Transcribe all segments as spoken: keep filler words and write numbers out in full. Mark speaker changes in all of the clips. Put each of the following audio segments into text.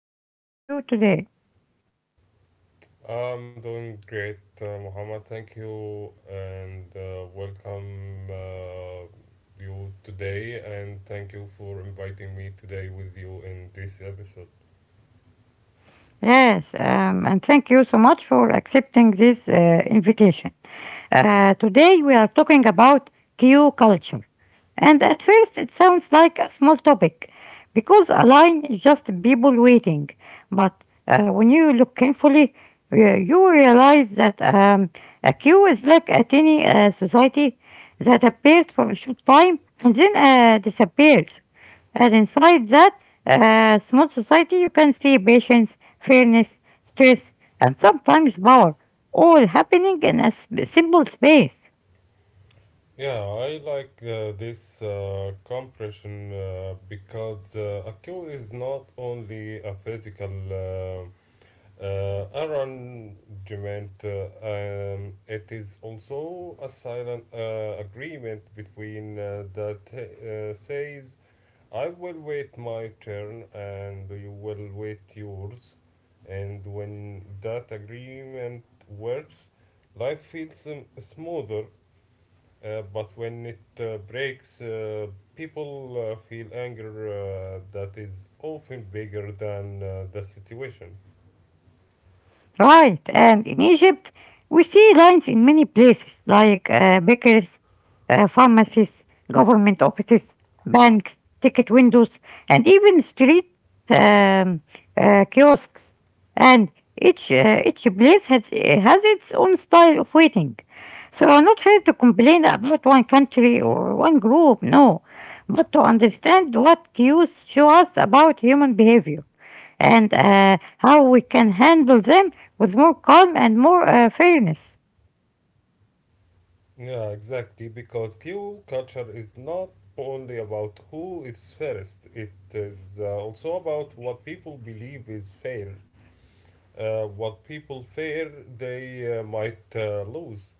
Speaker 1: and how are you today?
Speaker 2: I'm doing great, uh, Muhammad. Thank you and uh, welcome uh, you today. And thank you for inviting me today with you in this episode.
Speaker 1: Yes, um, and thank you so much for accepting this uh, invitation. Uh, today we are talking about Q culture. And at first, it sounds like a small topic because a line is just people waiting. But uh, when you look carefully, uh, you realize that um, a queue is like a tiny uh, society that appears for a short time and then uh, disappears. And inside that uh, small society, you can see patience, fairness, stress, and sometimes power, all happening in a s- simple space.
Speaker 2: Yeah, I like uh, this uh, compression uh, because uh, a cue is not only a physical uh, uh, arrangement, uh, um, it is also a silent uh, agreement between uh, that uh, says I will wait my turn and you will wait yours. And when that agreement works, life feels um, smoother. Uh, but when it uh, breaks, uh, people uh, feel anger uh, that is often bigger than uh, the situation.
Speaker 1: Right, and in Egypt, we see lines in many places like uh, bakeries, uh, pharmacies, government offices, banks, ticket windows, and even street um, uh, kiosks. And each uh, each place has has its own style of waiting. So I'm not here to complain about one country or one group, no, but to understand what cues show us about human behavior and uh, how we can handle them with more calm and more uh, fairness.
Speaker 2: Yeah, exactly. Because Q culture is not only about who is fairest, it is uh, also about what people believe is fair. Uh, what people fear they uh, might uh, lose,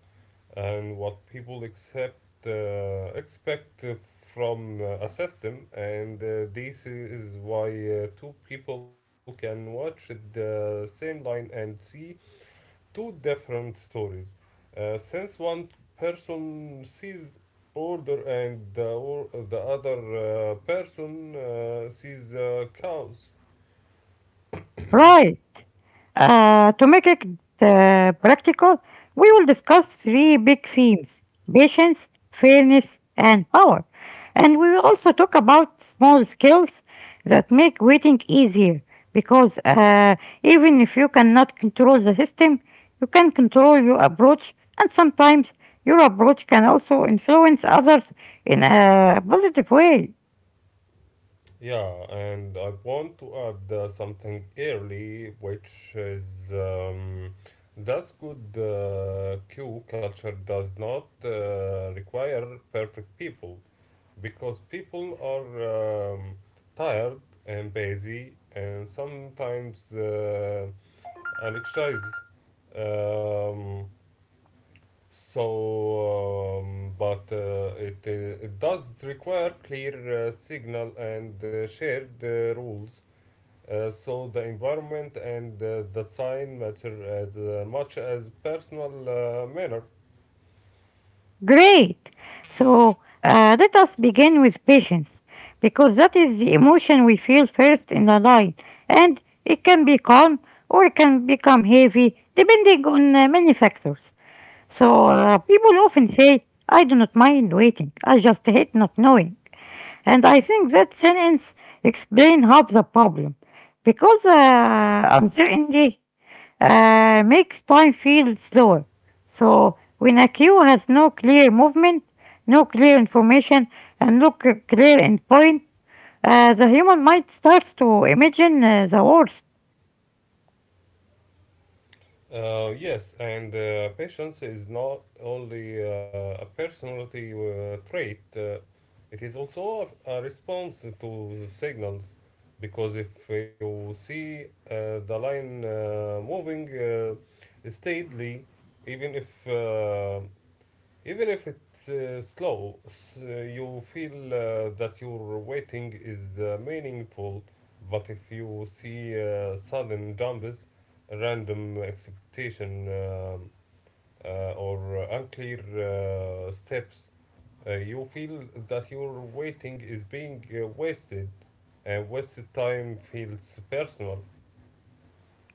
Speaker 2: and what people accept, uh, expect uh, from uh, a system, and uh, this is why uh, two people can watch the same line and see two different stories. Uh, since one person sees order and the, or the other uh, person uh, sees uh, chaos.
Speaker 1: Right. Uh, to make it uh, practical, we will discuss three big themes: patience, fairness, and power. And we will also talk about small skills that make waiting easier because uh, even if you cannot control the system, you can control your approach, and sometimes your approach can also influence others in a positive way.
Speaker 2: Yeah, and I want to add uh, something early, which is um, that's good. Uh, Q culture does not uh, require perfect people because people are um, tired and busy and sometimes uh, anxious. Um, so, um, but uh, it, uh, it does require clear uh, signal and uh, shared uh, rules uh, so the environment and uh, the sign matter as uh, much as personal uh, manner.
Speaker 1: Great. So uh, let us begin with patience, because that is the emotion we feel first in the line, and it can be calm or it can become heavy depending on uh, many factors. So uh, people often say, I do not mind waiting, I just hate not knowing. And I think that sentence explains half the problem, because uh, uncertainty uh, makes time feel slower. So when a queue has no clear movement, no clear information, and no c- clear endpoint, uh, the human mind starts to imagine uh, the worst.
Speaker 2: Uh, yes, and uh, patience is not only uh, a personality uh, trait, uh, it is also a, a response to signals. Because if you see uh, the line uh, moving uh, steadily, even if uh, even if it's uh, slow, s- uh, you feel uh, that your waiting is uh, meaningful. But if you see uh, sudden jumps, random expectation, um, uh, or unclear uh, steps, uh, you feel that your waiting is being uh, wasted. Uh, wasted time feels personal.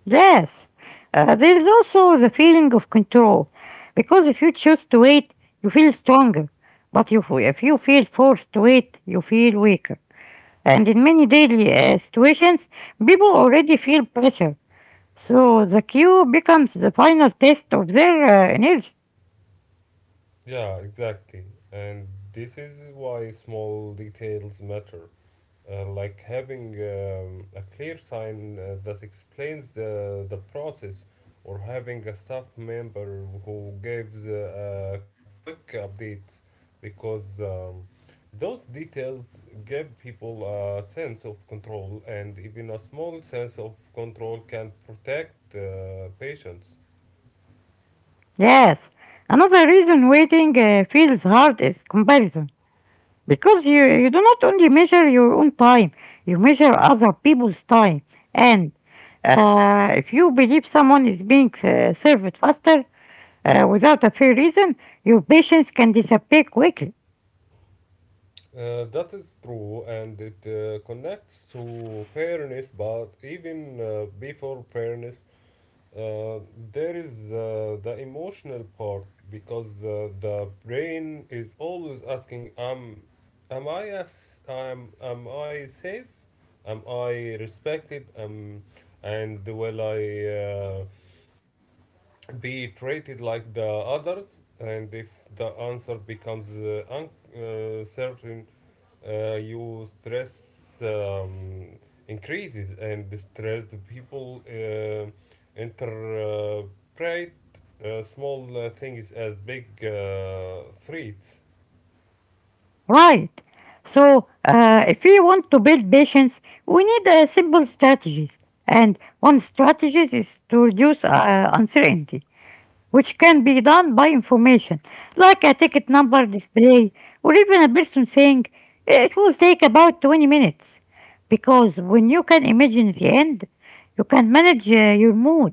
Speaker 1: Yes, uh, there is also the feeling of control, because if you choose to wait, you feel stronger. But if, if you feel forced to wait, you feel weaker. And in many daily uh, situations, people already feel pressure, so the queue becomes the final test of their uh, energy.
Speaker 2: Yeah, exactly. And this is why small details matter uh, like having um, a clear sign uh, that explains the, the process or having a staff member who gives uh, a quick update because um, those details give people a sense of control and even a small sense of control can protect uh, patients.
Speaker 1: Yes. Another reason waiting uh, feels hard is comparison. Because you, you do not only measure your own time, you measure other people's time. And uh, if you believe someone is being uh, served faster uh, without a fair reason, your patience can disappear quickly.
Speaker 2: Uh, that is true, and it uh, connects to fairness. But even uh, before fairness, Uh, there is uh, the emotional part because uh, the brain is always asking, "Am, am I as, am, am I safe? Am I respected? Um, and will I uh, be treated like the others?" And if the answer becomes uh, uncertain, uh, certain, uh, you stress um, increases and distress the people uh, interpret uh, small uh, things as big uh, threats.
Speaker 1: Right. So, uh, if we want to build patience, we need uh, simple strategies. And one strategy is to reduce uh, uncertainty, which can be done by information, like a ticket number display, or even a person saying it will take about twenty minutes. Because when you can imagine the end, you can manage uh, your mood.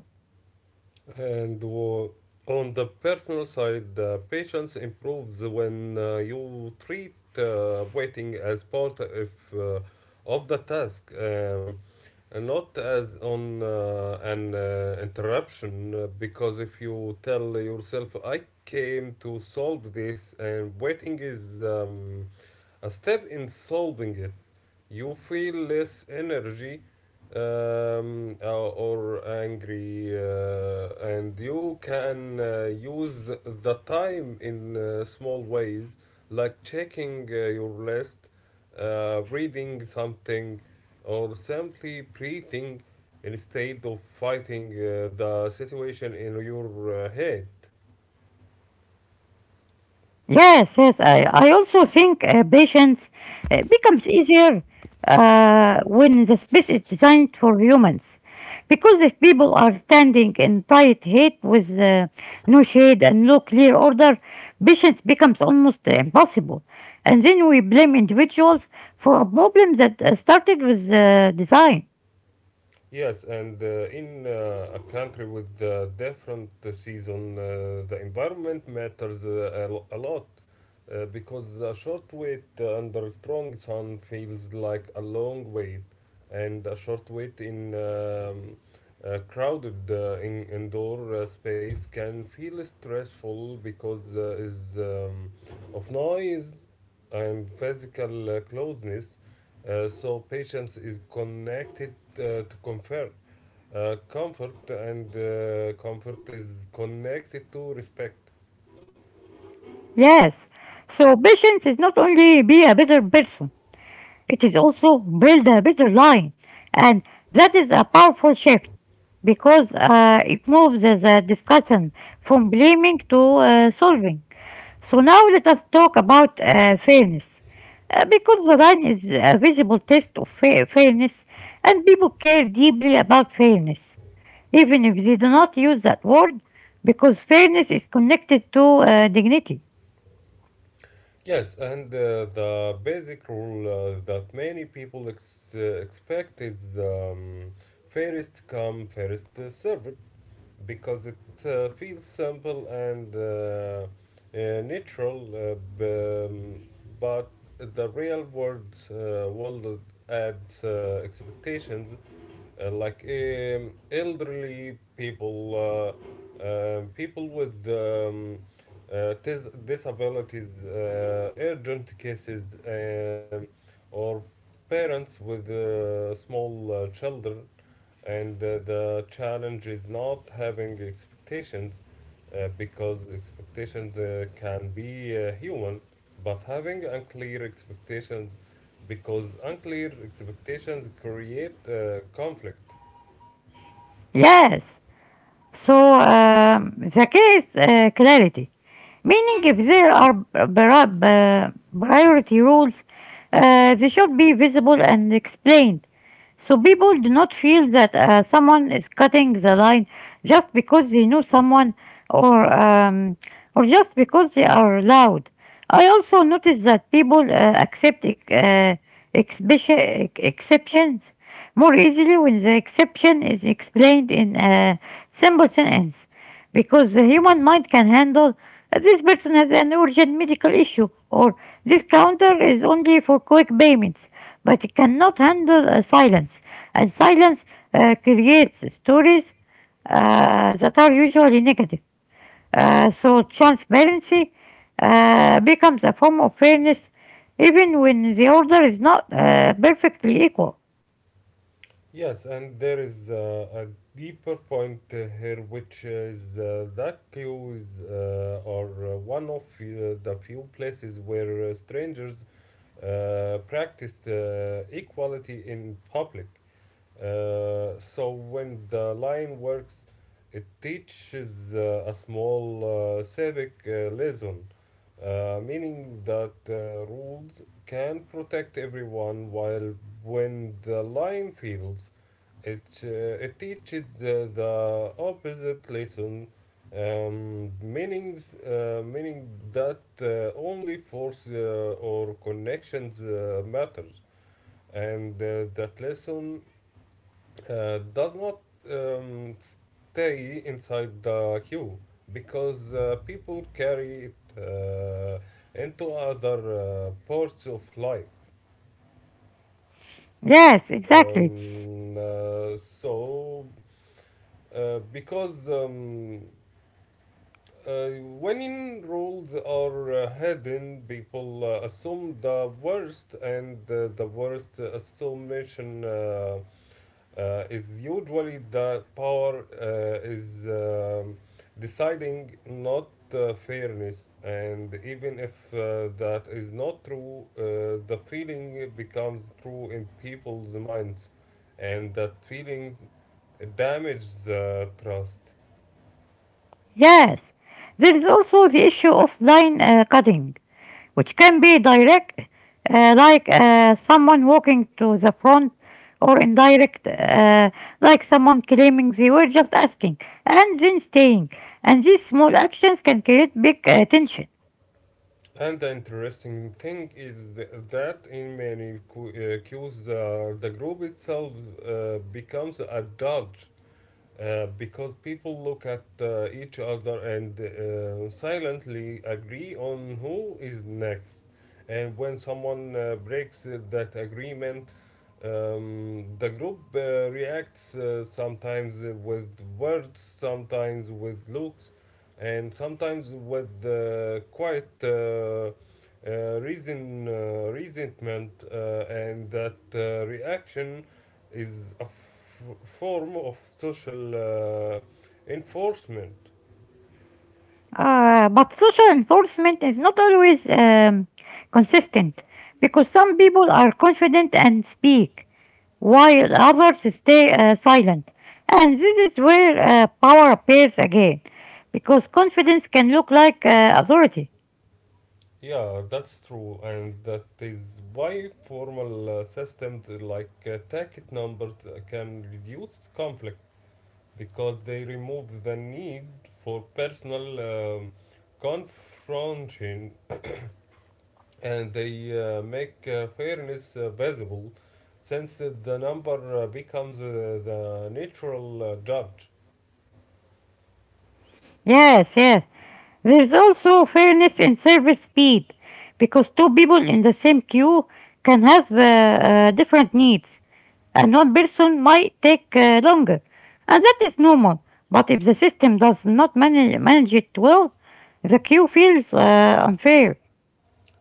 Speaker 2: And wo- on the personal side, uh, patience improves when uh, you treat uh, waiting as part of, uh, of the task, um, and not as on uh, an uh, interruption. uh, Because if you tell yourself, "I came to solve this," and waiting is um, a step in solving it, you feel less energy um, uh, or angry, uh, and you can uh, use th- the time in uh, small ways, like checking uh, your list, uh, reading something, or simply breathing instead of fighting uh, the situation in your uh, head.
Speaker 1: Yes, yes. I, I also think uh, patience uh, becomes easier uh, when the space is designed for humans. Because if people are standing in tight heat with uh, no shade and no clear order, patience becomes almost impossible. And then we blame individuals for a problem that uh, started with uh, design.
Speaker 2: Yes, and uh, in uh, a country with uh, different season, uh, the environment matters uh, a lo- a lot uh, because a short wait under strong sun feels like a long wait, and a short wait in um, a crowded uh, in indoor uh, space can feel stressful because uh, is um, of noise and physical uh, closeness. Uh, so patience is connected uh, to comfort. Uh, comfort and uh, Comfort is connected to respect.
Speaker 1: Yes. So patience is not only be a better person. It is also build a better line, and that is a powerful shift because uh, it moves the discussion from blaming to uh, solving. So now let us talk about uh, fairness. Uh, because the line is a visible test of fa- fairness, and people care deeply about fairness, even if they do not use that word, because fairness is connected to uh, dignity.
Speaker 2: Yes, and uh, the basic rule uh, that many people ex- uh, expect is um, first come, first uh, served because it uh, feels simple and uh, uh, natural, uh, b- um, but the real world uh, world adds uh, expectations uh, like um, elderly people, uh, uh, people with um, uh, dis- disabilities, uh, urgent cases, um, or parents with uh, small uh, children. And uh, the challenge is not having expectations uh, because expectations uh, can be uh, human, but having unclear expectations because unclear expectations create uh, conflict.
Speaker 1: Yes. So um, the case uh, clarity, meaning if there are pri- uh, priority rules, uh, they should be visible and explained. So people do not feel that uh, someone is cutting the line just because they know someone, or um, or just because they are loud. I also notice that people uh, accept uh, expe- exceptions more easily when the exception is explained in a symbols and ends. Because the human mind can handle uh, this person has an urgent medical issue, or this counter is only for quick payments. But it cannot handle uh, silence. And silence uh, creates stories uh, that are usually negative. Uh, so transparency uh, becomes a form of fairness even when the order is not uh, perfectly equal.
Speaker 2: Yes, and there is uh, a deeper point uh, here, which is uh, that queues uh, are uh, one of uh, the few places where uh, strangers uh, practiced uh, equality in public. Uh, so when the line works, it teaches uh, a small uh, civic uh, lesson, uh, meaning that uh, rules can protect everyone, while when the line fails, it, uh, it teaches the, the opposite lesson, um, meanings, uh, meaning that uh, only force uh, or connections uh, matters, and uh, that lesson uh, does not um, stay inside the queue because uh, people carry it uh, into other uh, parts of life.
Speaker 1: Yes, exactly.
Speaker 2: Um, uh, so, uh, because um, Uh, when in rules are uh, hidden, people uh, assume the worst, and uh, the worst assumption uh, uh, is usually the power uh, is um deciding not uh, fairness. And even if uh, that is not true, uh, the feeling becomes true in people's minds, and that feeling damages uh, trust.
Speaker 1: Yes, there is also the issue of line uh, cutting, which can be direct, uh, like uh, someone walking to the front, or indirect, uh, like someone claiming they were just asking and then staying. And these small actions can create big uh, tension.
Speaker 2: And the interesting thing is th- that in many cu- uh, cues, the, the group itself uh, becomes a dodge uh, because people look at uh, each other and uh, silently agree on who is next. And when someone uh, breaks uh, that agreement, um, the group uh, reacts uh, sometimes uh, with words, sometimes with looks, and sometimes with uh, quite uh, uh, reason, uh, resentment, uh, and that uh, reaction is a form of social uh, enforcement.
Speaker 1: Uh, but social enforcement is not always um, consistent because some people are confident and speak, while others stay uh, silent. And this is where uh, power appears again, because confidence can look like uh, authority.
Speaker 2: Yeah, that's true, and that is why formal uh, systems like uh, ticket numbers can reduce conflict because they remove the need for personal um, confrontation and they uh, make uh, fairness uh, visible since uh, the number uh, becomes uh, the natural uh, judge.
Speaker 1: Yes, yes. There's also fairness in service speed, because two people in the same queue can have uh, uh, different needs, and one person might take uh, longer, and that is normal. But if the system does not manage, manage it well, the queue feels uh, unfair.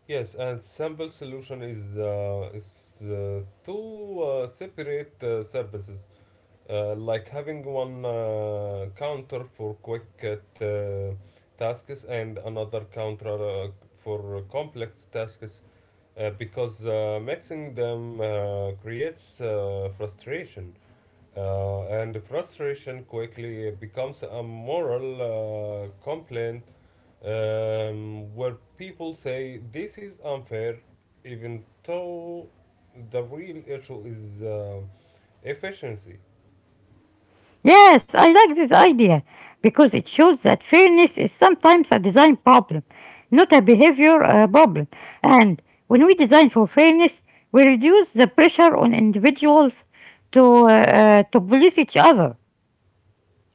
Speaker 2: Yes, and sample solution is uh, is uh, two uh, separate uh, services, uh, like having one uh, counter for quick uh, tasks and another counter uh, for complex tasks, uh, because uh, mixing them uh, creates uh, frustration, uh, and frustration quickly becomes a moral uh, complaint um, where people say this is unfair, even though the real issue is uh, efficiency.
Speaker 1: Yes, I like this idea because it shows that fairness is sometimes a design problem, not a behavior uh, problem. And when we design for fairness, we reduce the pressure on individuals to uh, uh, to police each other.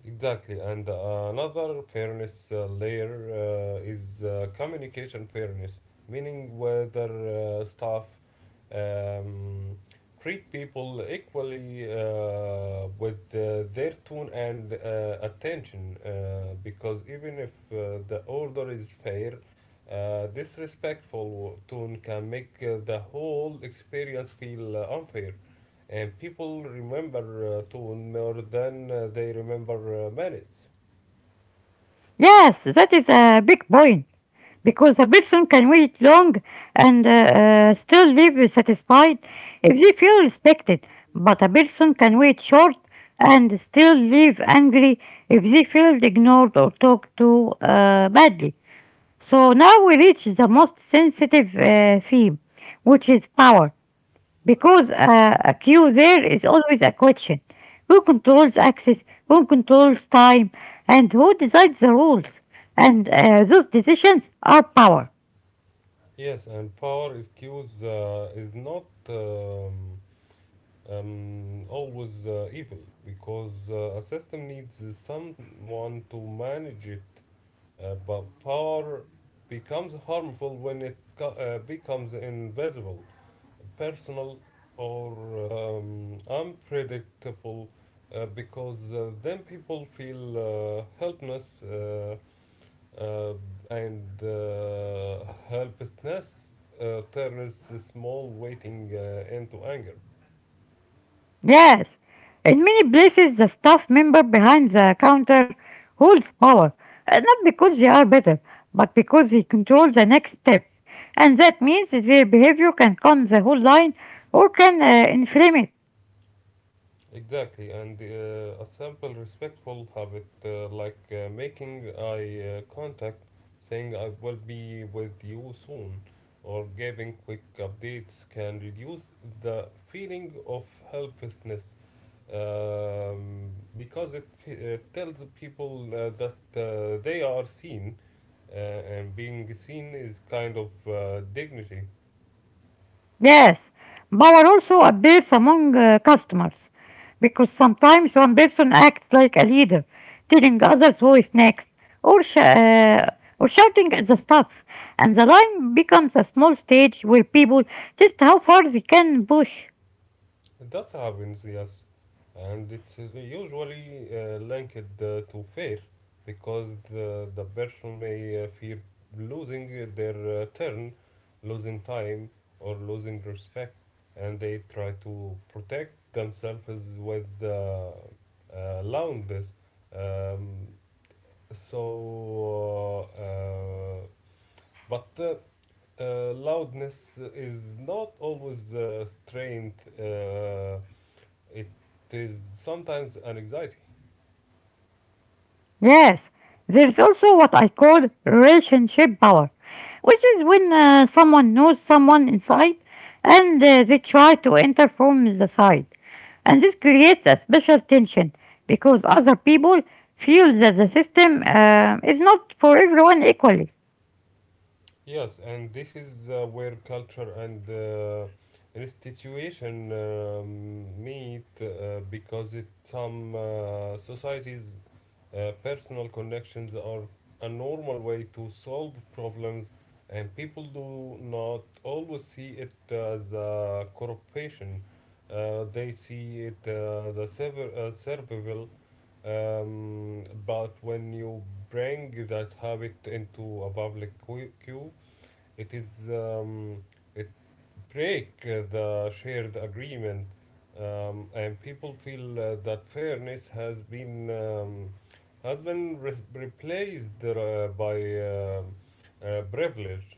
Speaker 2: Exactly, and uh, another fairness uh, layer uh, is uh, communication fairness, meaning whether uh, staff um, treat people equally uh, with uh, their tone and uh, attention. Uh, because even if uh, the order is fair, uh, disrespectful tone can make uh, the whole experience feel uh, unfair. And people remember uh, tone more than uh, they remember uh, minutes.
Speaker 1: Yes, that is a big point. Because a person can wait long and uh, uh, still live satisfied if they feel respected, but a person can wait short and still live angry if they feel ignored or talked to uh, badly. So now we reach the most sensitive uh, theme, which is power, because uh, a cue, there is always a question. Who controls access? Who controls time? And who decides the rules? And uh, those decisions are power.
Speaker 2: Yes, and power is cues uh, is not um, um, always uh, evil because uh, a system needs someone to manage it, uh, but power becomes harmful when it co- uh, becomes invisible, personal, or um, unpredictable uh, because uh, then people feel uh, helpless uh, uh, and uh, helplessness uh, turns a small waiting uh, into anger.
Speaker 1: Yes, in many places, the staff member behind the counter holds power, uh, not because they are better, but because he controls the next step. And that means that their behavior can calm the whole line or can uh, inflame it.
Speaker 2: Exactly, and uh, a simple, respectful habit uh, like uh, making eye uh, contact, saying I will be with you soon, or giving quick updates can reduce the feeling of helplessness um, because it, fe- it tells people uh, that uh, they are seen, uh, and being seen is kind of uh, dignity.
Speaker 1: Yes, power also appears among uh, customers because sometimes one person acts like a leader, telling others who is next, or sh- uh, or shouting at the staff, and the line becomes a small stage where people test how far they can push.
Speaker 2: That happens, yes, and it's uh, usually uh, linked uh, to fear because the, the person may uh, fear losing their uh, turn, losing time, or losing respect, and they try to protect themselves with uh, uh, loudness. Um, so, uh, but uh, uh, Loudness is not always uh, strength. Uh, it is sometimes an anxiety.
Speaker 1: Yes, there's also what I call relationship power, which is when uh, someone knows someone inside and uh, they try to enter from the side. And this creates a special tension because other people feel that the system uh, is not for everyone equally.
Speaker 2: Yes, and this is uh, where culture and uh, restitution um, meet uh, because it some uh, societies uh, personal connections are a normal way to solve problems and people do not always see it as a corruption. Uh, they see it as a sever- uh, survival. Um, but when you bring that habit into a public que- queue, it is um, it break the shared agreement, um, and people feel uh, that fairness has been um, has been re- replaced uh, by um uh, privilege.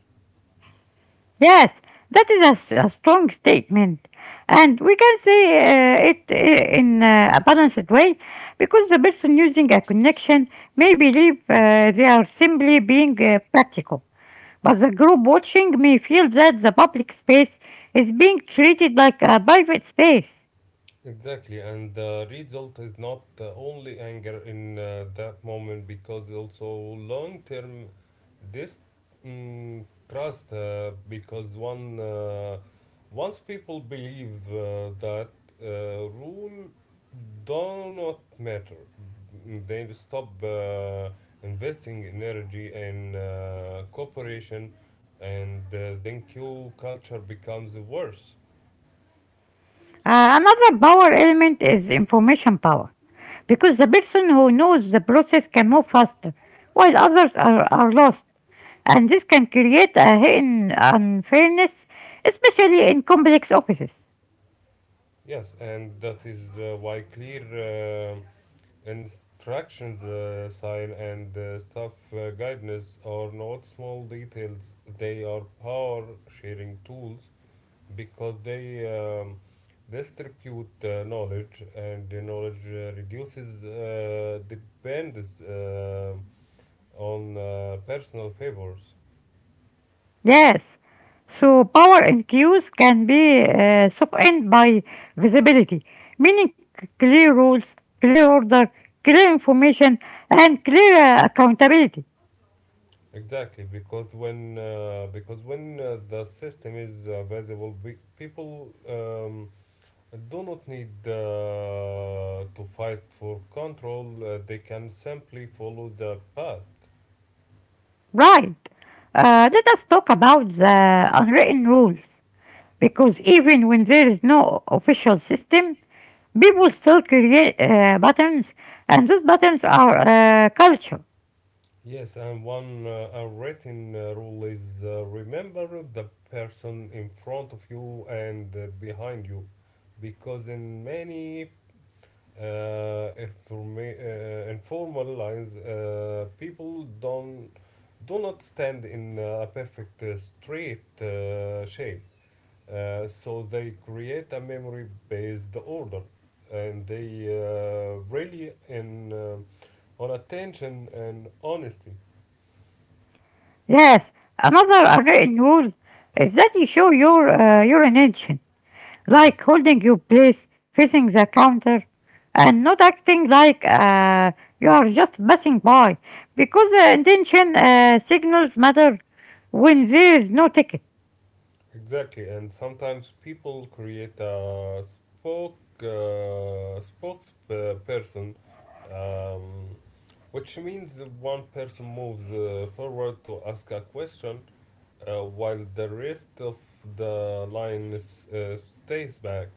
Speaker 1: Yes, that is a, s- a strong statement, and we can say uh, it i- in uh, a balanced way because the person using a connection may believe uh, they are simply being uh, practical, but the group watching may feel that the public space is being treated like a private space.
Speaker 2: Exactly, and the result is not uh, only anger in uh, that moment because also long term this mm, trust uh, because one uh, once people believe uh, that uh, rule do not matter, Mm, they stop uh, investing in energy in uh, cooperation, and uh, then Q culture becomes worse.
Speaker 1: Uh, another power element is information power, because the person who knows the process can move faster, while others are, are lost. And this can create a hidden unfairness, especially in complex offices.
Speaker 2: Yes, and that is uh, why clear uh, instructions, uh, sign, and uh, staff uh, guidance are not small details. They are power sharing tools because they um, distribute uh, knowledge, and the knowledge uh, reduces uh, dependence uh, on uh, personal favors.
Speaker 1: Yes, so power in queues can be uh, softened by visibility, meaning c- clear rules, clear order, clear information, and clear uh, accountability.
Speaker 2: Exactly, because when uh, because when uh, the system is uh, visible, we, people. Um, I do not need uh, to fight for control, uh, they can simply follow the path.
Speaker 1: Right. Uh, let us talk about the unwritten rules. Because even when there is no official system, people still create uh, patterns, and those patterns are uh, culture.
Speaker 2: Yes, and one uh, unwritten uh, rule is uh, remember the person in front of you and uh, behind you, because in many uh, informa- uh, informal lines, uh, people don't do not stand in uh, a perfect uh, straight uh, shape. Uh, so they create a memory based order and they uh, really in um on attention and honesty.
Speaker 1: Yes, another unwritten rule is that you show your uh, your intention, like holding your place, facing the counter, and not acting like uh, you are just passing by, because the intention uh, signals matter when there is no ticket.
Speaker 2: Exactly, and sometimes people create a spoke uh, spokesperson, um, which means one person moves uh, forward to ask a question uh, while the rest of the line s- uh, stays back.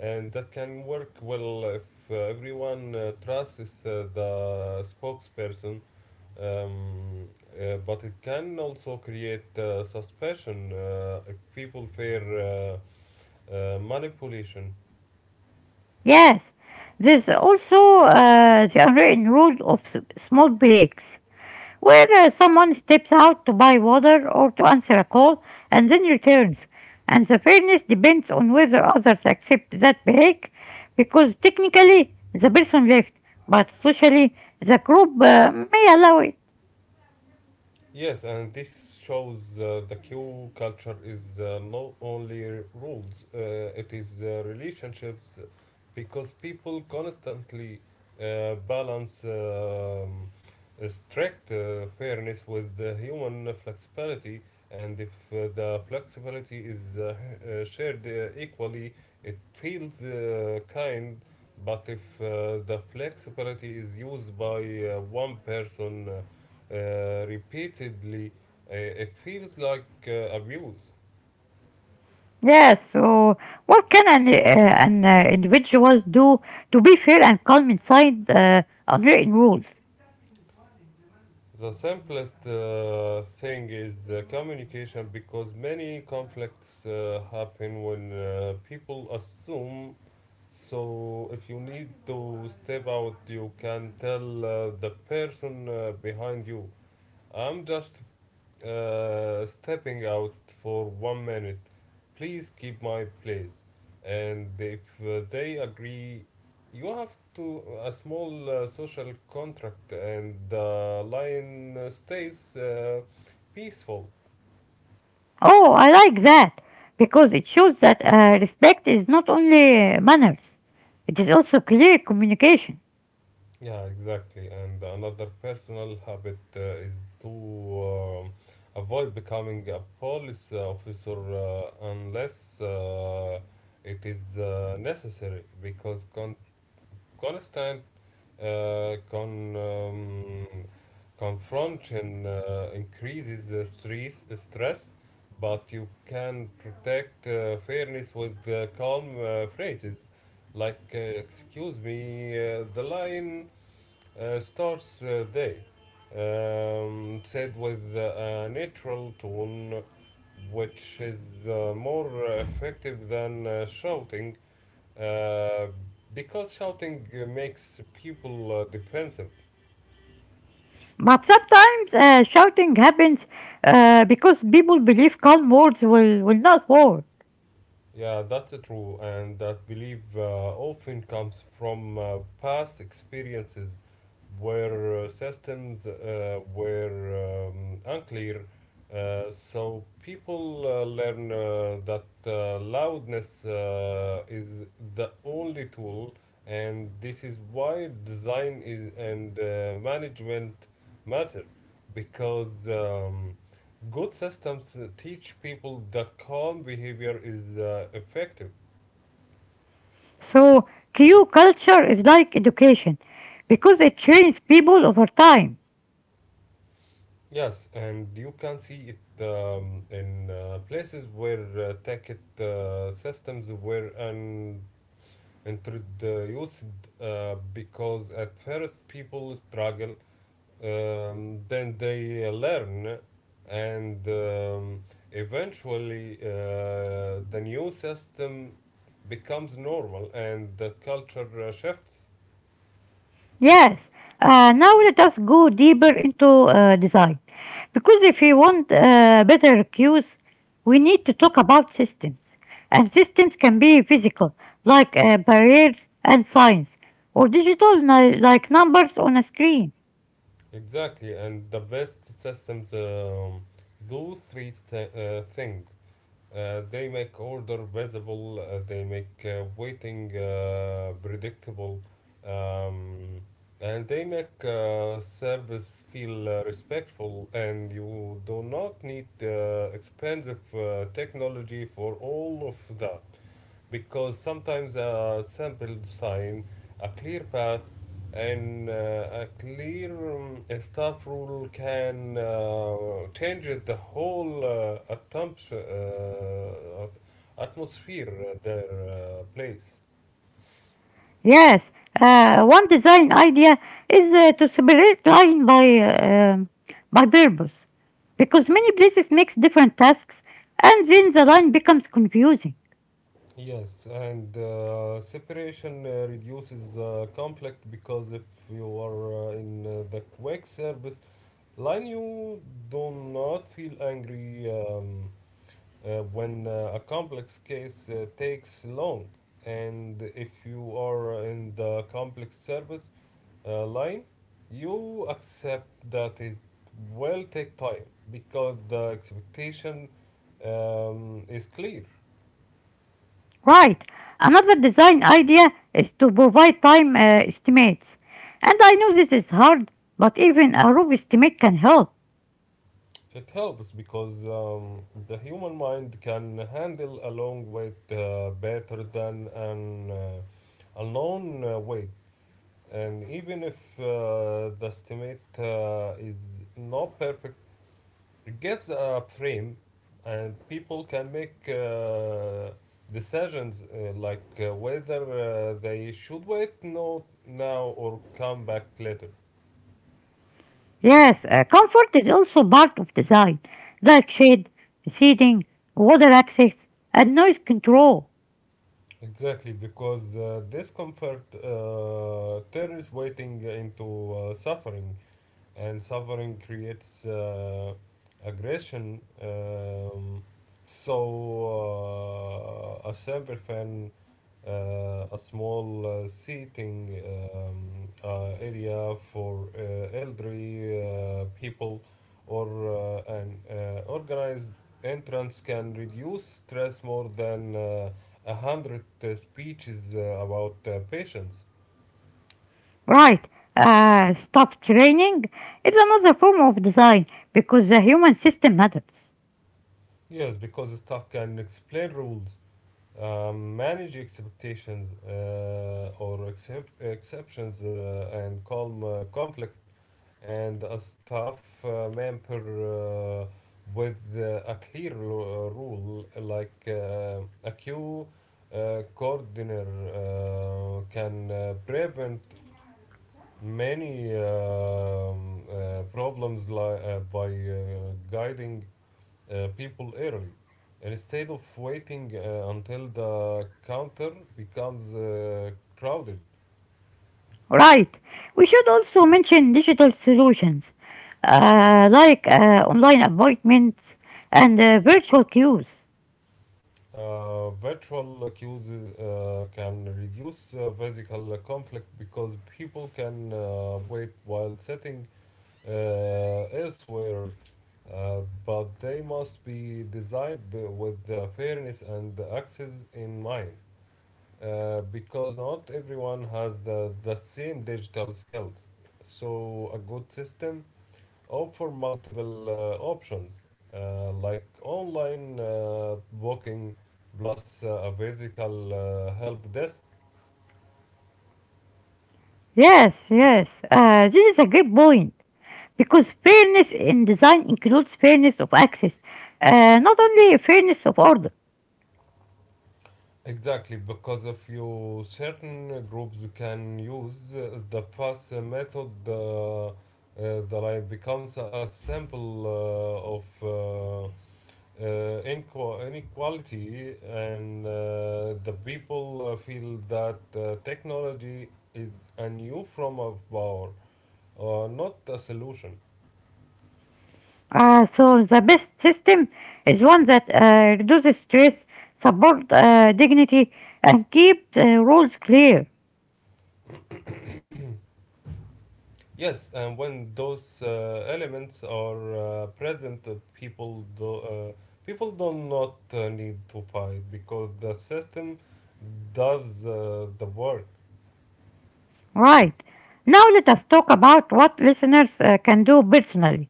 Speaker 2: And that can work well if uh, everyone uh, trusts uh, the spokesperson, um, uh, but it can also create uh, suspicion uh, if people fear uh, uh, manipulation.
Speaker 1: Yes, there's also uh, the unwritten rule of s- small breaks, where uh, someone steps out to buy water or to answer a call and then returns. And the fairness depends on whether others accept that break, because technically the person left, but socially the group uh, may allow it.
Speaker 2: Yes, and this shows uh, the Q culture is uh, not only r- rules, uh, it is uh, relationships, because people constantly uh, balance um, uh, strict uh, fairness with the human flexibility. And if uh, the flexibility is uh, h- uh, shared uh, equally, it feels uh, kind. But if uh, the flexibility is used by uh, one person, uh, uh, repeatedly, uh, it feels like uh, abuse.
Speaker 1: Yes, so what can an, uh, an uh, individual do to be fair and calm inside uh, unwritten rules?
Speaker 2: The simplest uh, thing is uh, communication, because many conflicts uh, happen when uh, people assume. So, if you need to step out, you can tell uh, the person uh, behind you, "I'm just Uh, stepping out for one minute. Please keep my place." And if uh, they agree, you have to a small uh, social contract, and the lion uh, stays uh, peaceful.
Speaker 1: Oh, I like that because it shows that uh, respect is not only uh, manners, it is also clear communication.
Speaker 2: Yeah, exactly. And another personal habit uh, is to um avoid becoming a police officer uh, unless uh, it is uh, necessary, because con- constant uh, con, um, confrontation uh, increases the stress, uh, stress, but you can protect uh, fairness with uh, calm uh, phrases like uh, "Excuse me, uh, the line uh, starts uh, there," um, said with uh, a natural tone, which is uh, more effective than uh, shouting, uh, because shouting uh, makes people uh, defensive.
Speaker 1: But sometimes uh, shouting happens uh, because people believe calm words will, will not war.
Speaker 2: Yeah, that's true, and that belief uh, often comes from uh, past experiences where uh, systems uh, were um, unclear. Uh, so people uh, learn uh, that uh, loudness uh, is the only tool, and this is why design is and uh, management matter because. Um, Good systems teach people that calm behavior is uh, effective.
Speaker 1: So, Q culture is like education because it trains people over time.
Speaker 2: Yes, and you can see it um, in uh, places where uh, ticket uh, systems were un- introduced, uh, because at first people struggle, um, then they learn, and um, eventually uh, the new system becomes normal and the culture uh, shifts.
Speaker 1: Yes. Uh, now let us go deeper into uh, design. Because if we want uh, better cues, we need to talk about systems. And systems can be physical, like uh, barriers and signs, or digital, ni- like numbers on a screen.
Speaker 2: Exactly, and the best systems um, do three th- uh, things. Uh, they make order visible, uh, they make uh, waiting uh, predictable, um, and they make uh, service feel uh, respectful. And you do not need uh, expensive uh, technology for all of that, because sometimes a simple sign, a clear path, and uh, a clear um, staff rule can uh, change the whole uh, attempt, uh, atmosphere at their uh, place.
Speaker 1: Yes, uh, one design idea is uh, to separate line by, uh, um, by purpose. Because many places mix different tasks, and then the line becomes confusing.
Speaker 2: Yes, and uh, separation uh, reduces uh, conflict, because if you are uh, in uh, the quick service line, you do not feel angry. Um, uh, when uh, a complex case uh, takes long, and if you are in the complex service uh, line, you accept that it will take time because the expectation um, is clear.
Speaker 1: Right. Another design idea is to provide time uh, estimates. And I know this is hard, but even a rough estimate can help.
Speaker 2: It helps because um, the human mind can handle a long wait uh, better than an uh, a long uh, wait, and even if uh, the estimate uh, is not perfect, it gives a frame, and people can make uh, decisions uh, like uh, whether uh, they should wait no, now or come back later.
Speaker 1: Yes, uh, comfort is also part of design, like shade, seating, water access, and noise control.
Speaker 2: Exactly, because uh, discomfort uh, turns waiting into uh, suffering, and suffering creates uh, aggression. Um, so, uh, a simple fan uh, a small uh, seating um, uh, area for uh, elderly uh, people or uh, an uh, organized entrance can reduce stress more than uh, a hundred uh, speeches uh, about uh, patients.
Speaker 1: Right. Uh, staff training is another form of design because the human system matters.
Speaker 2: Yes, because staff can explain rules, um, manage expectations uh, or excep- exceptions, uh, and calm uh, conflict, and a staff uh, member uh, with uh, a clear lo- rule like uh, a queue uh, coordinator uh, can uh, prevent many um, uh, problems li- uh, by uh, guiding uh, people early instead of waiting uh, until the counter becomes uh, crowded.
Speaker 1: Right. We should also mention digital solutions uh, like uh, online appointments and uh, virtual queues.
Speaker 2: Uh, virtual queues uh, can reduce uh, physical conflict, because people can uh, wait while sitting uh, elsewhere, uh, but they must be designed b- with uh, fairness and access in mind, uh, because not everyone has the, the same digital skills. So, a good system opt for multiple uh, options uh, like online uh, booking plus uh, a vertical uh, help desk.
Speaker 1: Yes, yes. Uh, this is a good point because fairness in design includes fairness of access, uh, not only fairness of order.
Speaker 2: Exactly, because if you certain groups can use uh, the fast method, uh, uh, the line becomes a, a sample uh, of uh, uh, inqu- inequality, and uh, the people uh, feel that uh, technology is a new form of power or not a solution.
Speaker 1: Uh, so the best system is one that uh, reduces stress, support uh, dignity, and keeps uh, rules clear.
Speaker 2: Yes, and when those uh, elements are uh, present, uh, people do uh, people do not uh, need to fight because the system does uh, the work.
Speaker 1: Right. Now let us talk about what listeners uh, can do personally.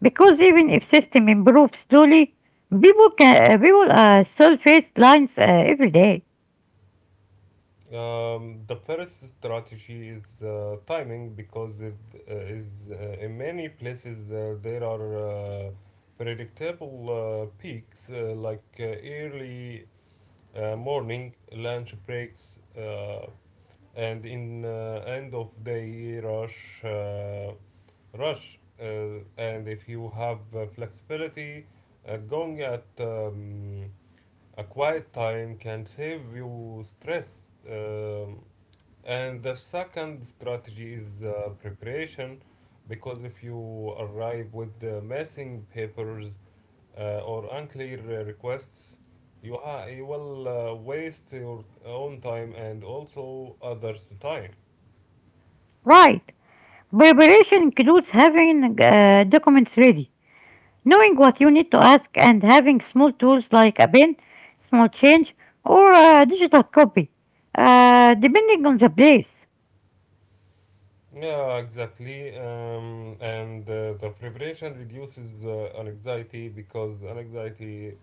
Speaker 1: Because even if system improves slowly, people can uh, people uh, still face lines uh, every day.
Speaker 2: Um, the first strategy is uh, timing, because it uh, is uh, in many places uh, there are uh, predictable uh, peaks uh, like uh, early uh, morning lunch breaks. Uh, and in uh, end of day rush uh, rush, uh, and if you have uh, flexibility, uh, going at um, a quiet time can save you stress. Um, And the second strategy is uh, preparation, because if you arrive with the missing papers uh, or unclear uh, requests, you, ha- you will uh, waste your own time and also others' time.
Speaker 1: Right. Preparation includes having uh, documents ready, knowing what you need to ask, and having small tools like a pen, small change, or a digital copy, uh, depending on the place.
Speaker 2: Yeah, exactly. Um, and uh, the preparation reduces uh, anxiety, because anxiety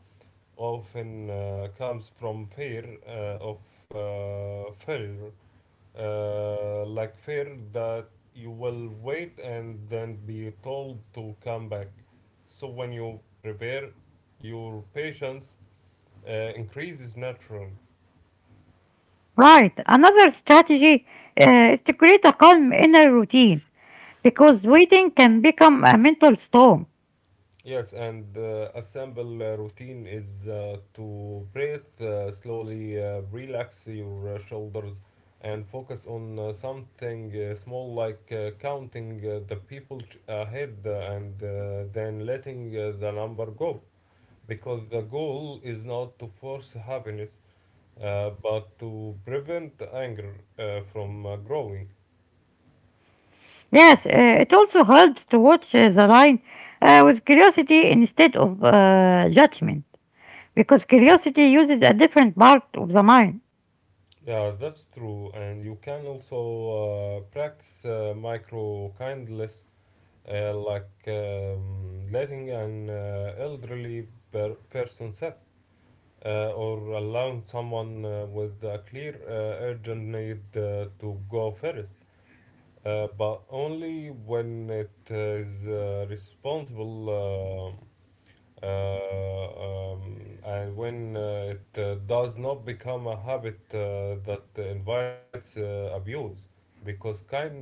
Speaker 2: often uh, comes from fear uh, of uh, failure, uh, like fear that you will wait and then be told to come back. So when you prepare, your patience uh, increases naturally.
Speaker 1: Right. Another strategy uh, is to create a calm inner routine because waiting can become a mental storm.
Speaker 2: Yes, and uh, a uh, routine is uh, to breathe uh, slowly, uh, relax your uh, shoulders, and focus on uh, something uh, small like uh, counting uh, the people ch- ahead, uh, and uh, then letting uh, the number go. Because the goal is not to force happiness, uh, but to prevent anger uh, from uh, growing.
Speaker 1: Yes, uh, it also helps to watch uh, the line uh, with curiosity instead of uh, judgment, because curiosity uses a different part of the mind.
Speaker 2: Yeah, that's true. And you can also uh, practice uh, micro kindness, uh, like um, letting an uh, elderly per- person sit, uh, or allowing someone uh, with a clear uh, urgent need uh, to go first, uh, but only when it is uh, responsible, uh, uh, um, and when uh, it uh, does not become a habit uh, that invites uh, abuse, because kindness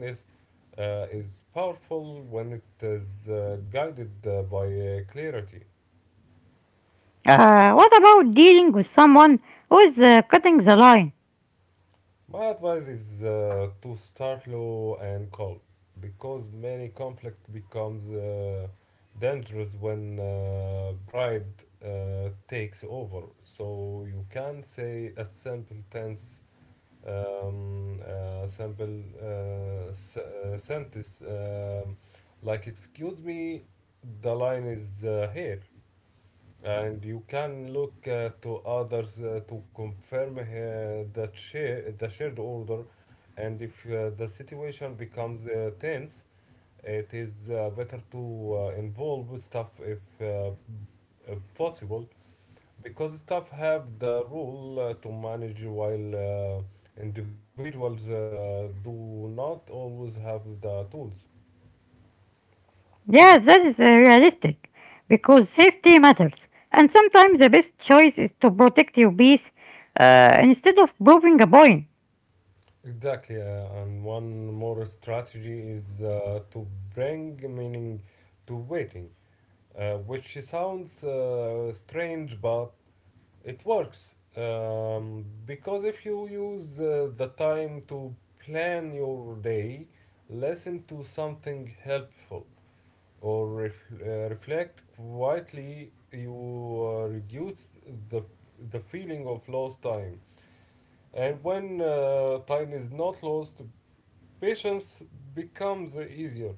Speaker 2: uh, is powerful when it is uh, guided uh, by uh, clarity.
Speaker 1: Uh, what about dealing with someone who is uh, cutting the line?
Speaker 2: My advice is uh, to start low and calm, because many conflict becomes uh, dangerous when uh, pride uh, takes over. So you can say a simple tense, um, uh, simple uh, s- uh, sentence um, like "Excuse me, the line is uh, here." And you can look uh, to others uh, to confirm uh, that share, the shared order. And if uh, the situation becomes uh, tense, it is uh, better to uh, involve staff if, uh, if possible, because staff have the role uh, to manage while uh, individuals uh, do not always have the tools.
Speaker 1: Yes, that is uh, realistic, because safety matters, and sometimes the best choice is to protect your peace uh, instead of proving a point.
Speaker 2: Exactly, uh, and one more strategy is uh, to bring meaning to waiting, uh, which sounds uh, strange, but it works. Um, because if you use uh, the time to plan your day, listen to something helpful, or ref- uh, reflect quietly, you uh, reduce the, the feeling of lost time. And when uh, time is not lost, patience becomes easier.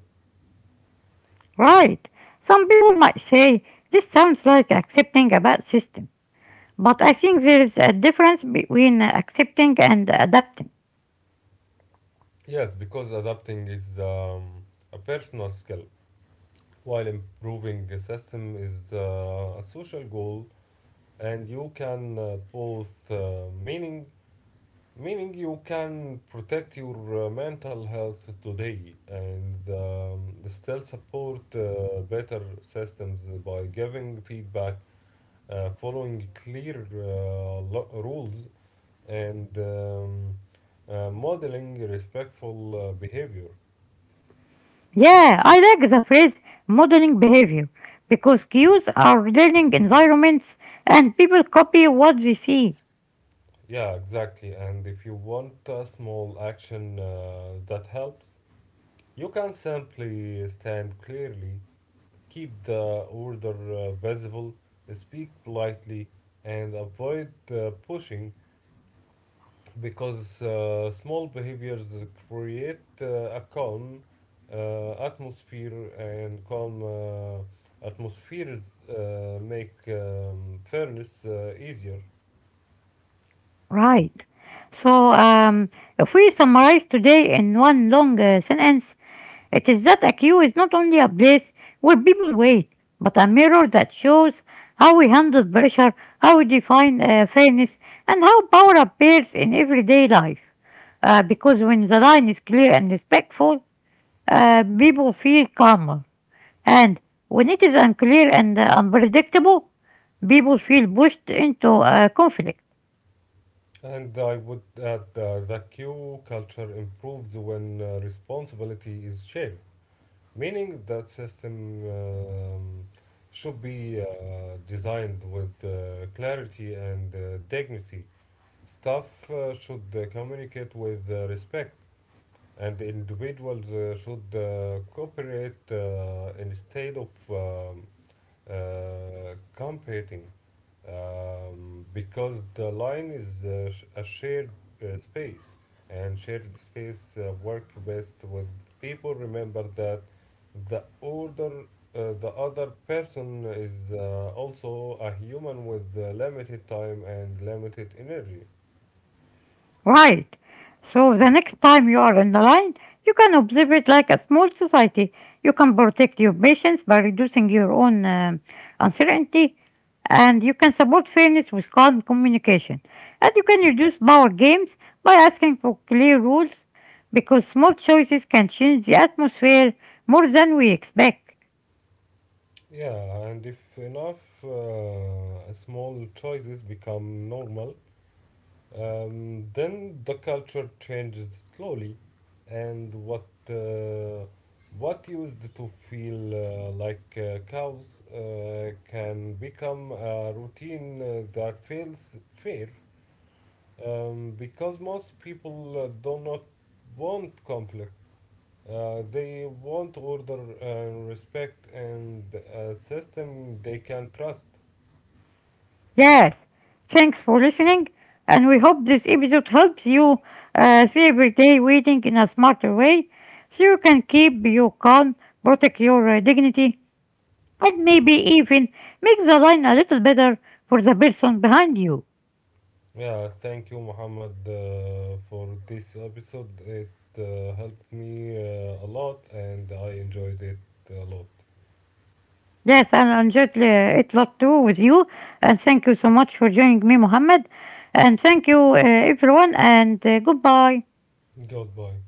Speaker 1: Right. Some people might say this sounds like accepting a bad system, but I think there is a difference between accepting and adapting.
Speaker 2: Yes, because adapting is um, a personal skill, while improving the system is uh, a social goal, and you can uh, both uh, meaning meaning you can protect your uh, mental health today and um, still support uh, better systems by giving feedback, uh, following clear uh, lo- rules, and um, uh, modeling respectful uh, behavior.
Speaker 1: Yeah, I like the phrase modeling behavior because cues are learning environments and people copy what they see.
Speaker 2: Yeah, exactly. And if you want a small action uh, that helps, you can simply stand clearly, keep the order uh, visible, speak politely, and avoid uh, pushing, because uh, small behaviors create uh, a calm uh, atmosphere, and calm uh, atmospheres uh, make um, fairness uh, easier.
Speaker 1: Right. So, um, if we summarize today in one long uh, sentence, it is that I Q is not only a place where people wait, but a mirror that shows how we handle pressure, how we define uh, fairness, and how power appears in everyday life. Uh, because when the line is clear and respectful, uh, people feel calmer. And when it is unclear and uh, unpredictable, people feel pushed into uh, conflict.
Speaker 2: And I would add uh, that Q culture improves when uh, responsibility is shared, meaning that system um, should be uh, designed with uh, clarity and uh, dignity. Staff uh, should uh, communicate with uh, respect, and individuals uh, should uh, cooperate uh, instead of um, uh, competing, um, because the line is uh, sh- a shared uh, space, and shared space uh, work best with people remember that the older uh, the other person is uh, also a human with uh, limited time and limited energy.
Speaker 1: Right. So the next time you are in the line, you can observe it like a small society. You can protect your patients by reducing your own um, uncertainty, and you can support fairness with calm communication. And you can reduce power games by asking for clear rules because small choices can change the atmosphere more than we expect.
Speaker 2: Yeah, and if enough uh, small choices become normal, um, then the culture changes slowly, and what uh, what used to feel uh, like uh, cows uh, can become a routine uh, that feels fair, um, because most people uh, do not want conflict. Uh, they want order and respect and a system they can trust.
Speaker 1: Yes, thanks for listening, and we hope this episode helps you uh, see everyday waiting in a smarter way so you can keep you calm, protect your uh, dignity, and maybe even make the line a little better for the person behind you.
Speaker 2: Yeah, thank you, Muhammad, uh, for this episode. It uh, helped me uh, a lot and I enjoyed it a lot.
Speaker 1: Yes, and I enjoyed uh, it a lot too with you, and thank you so much for joining me, Mohammed, and thank you, uh, everyone, and uh, goodbye.
Speaker 2: Goodbye.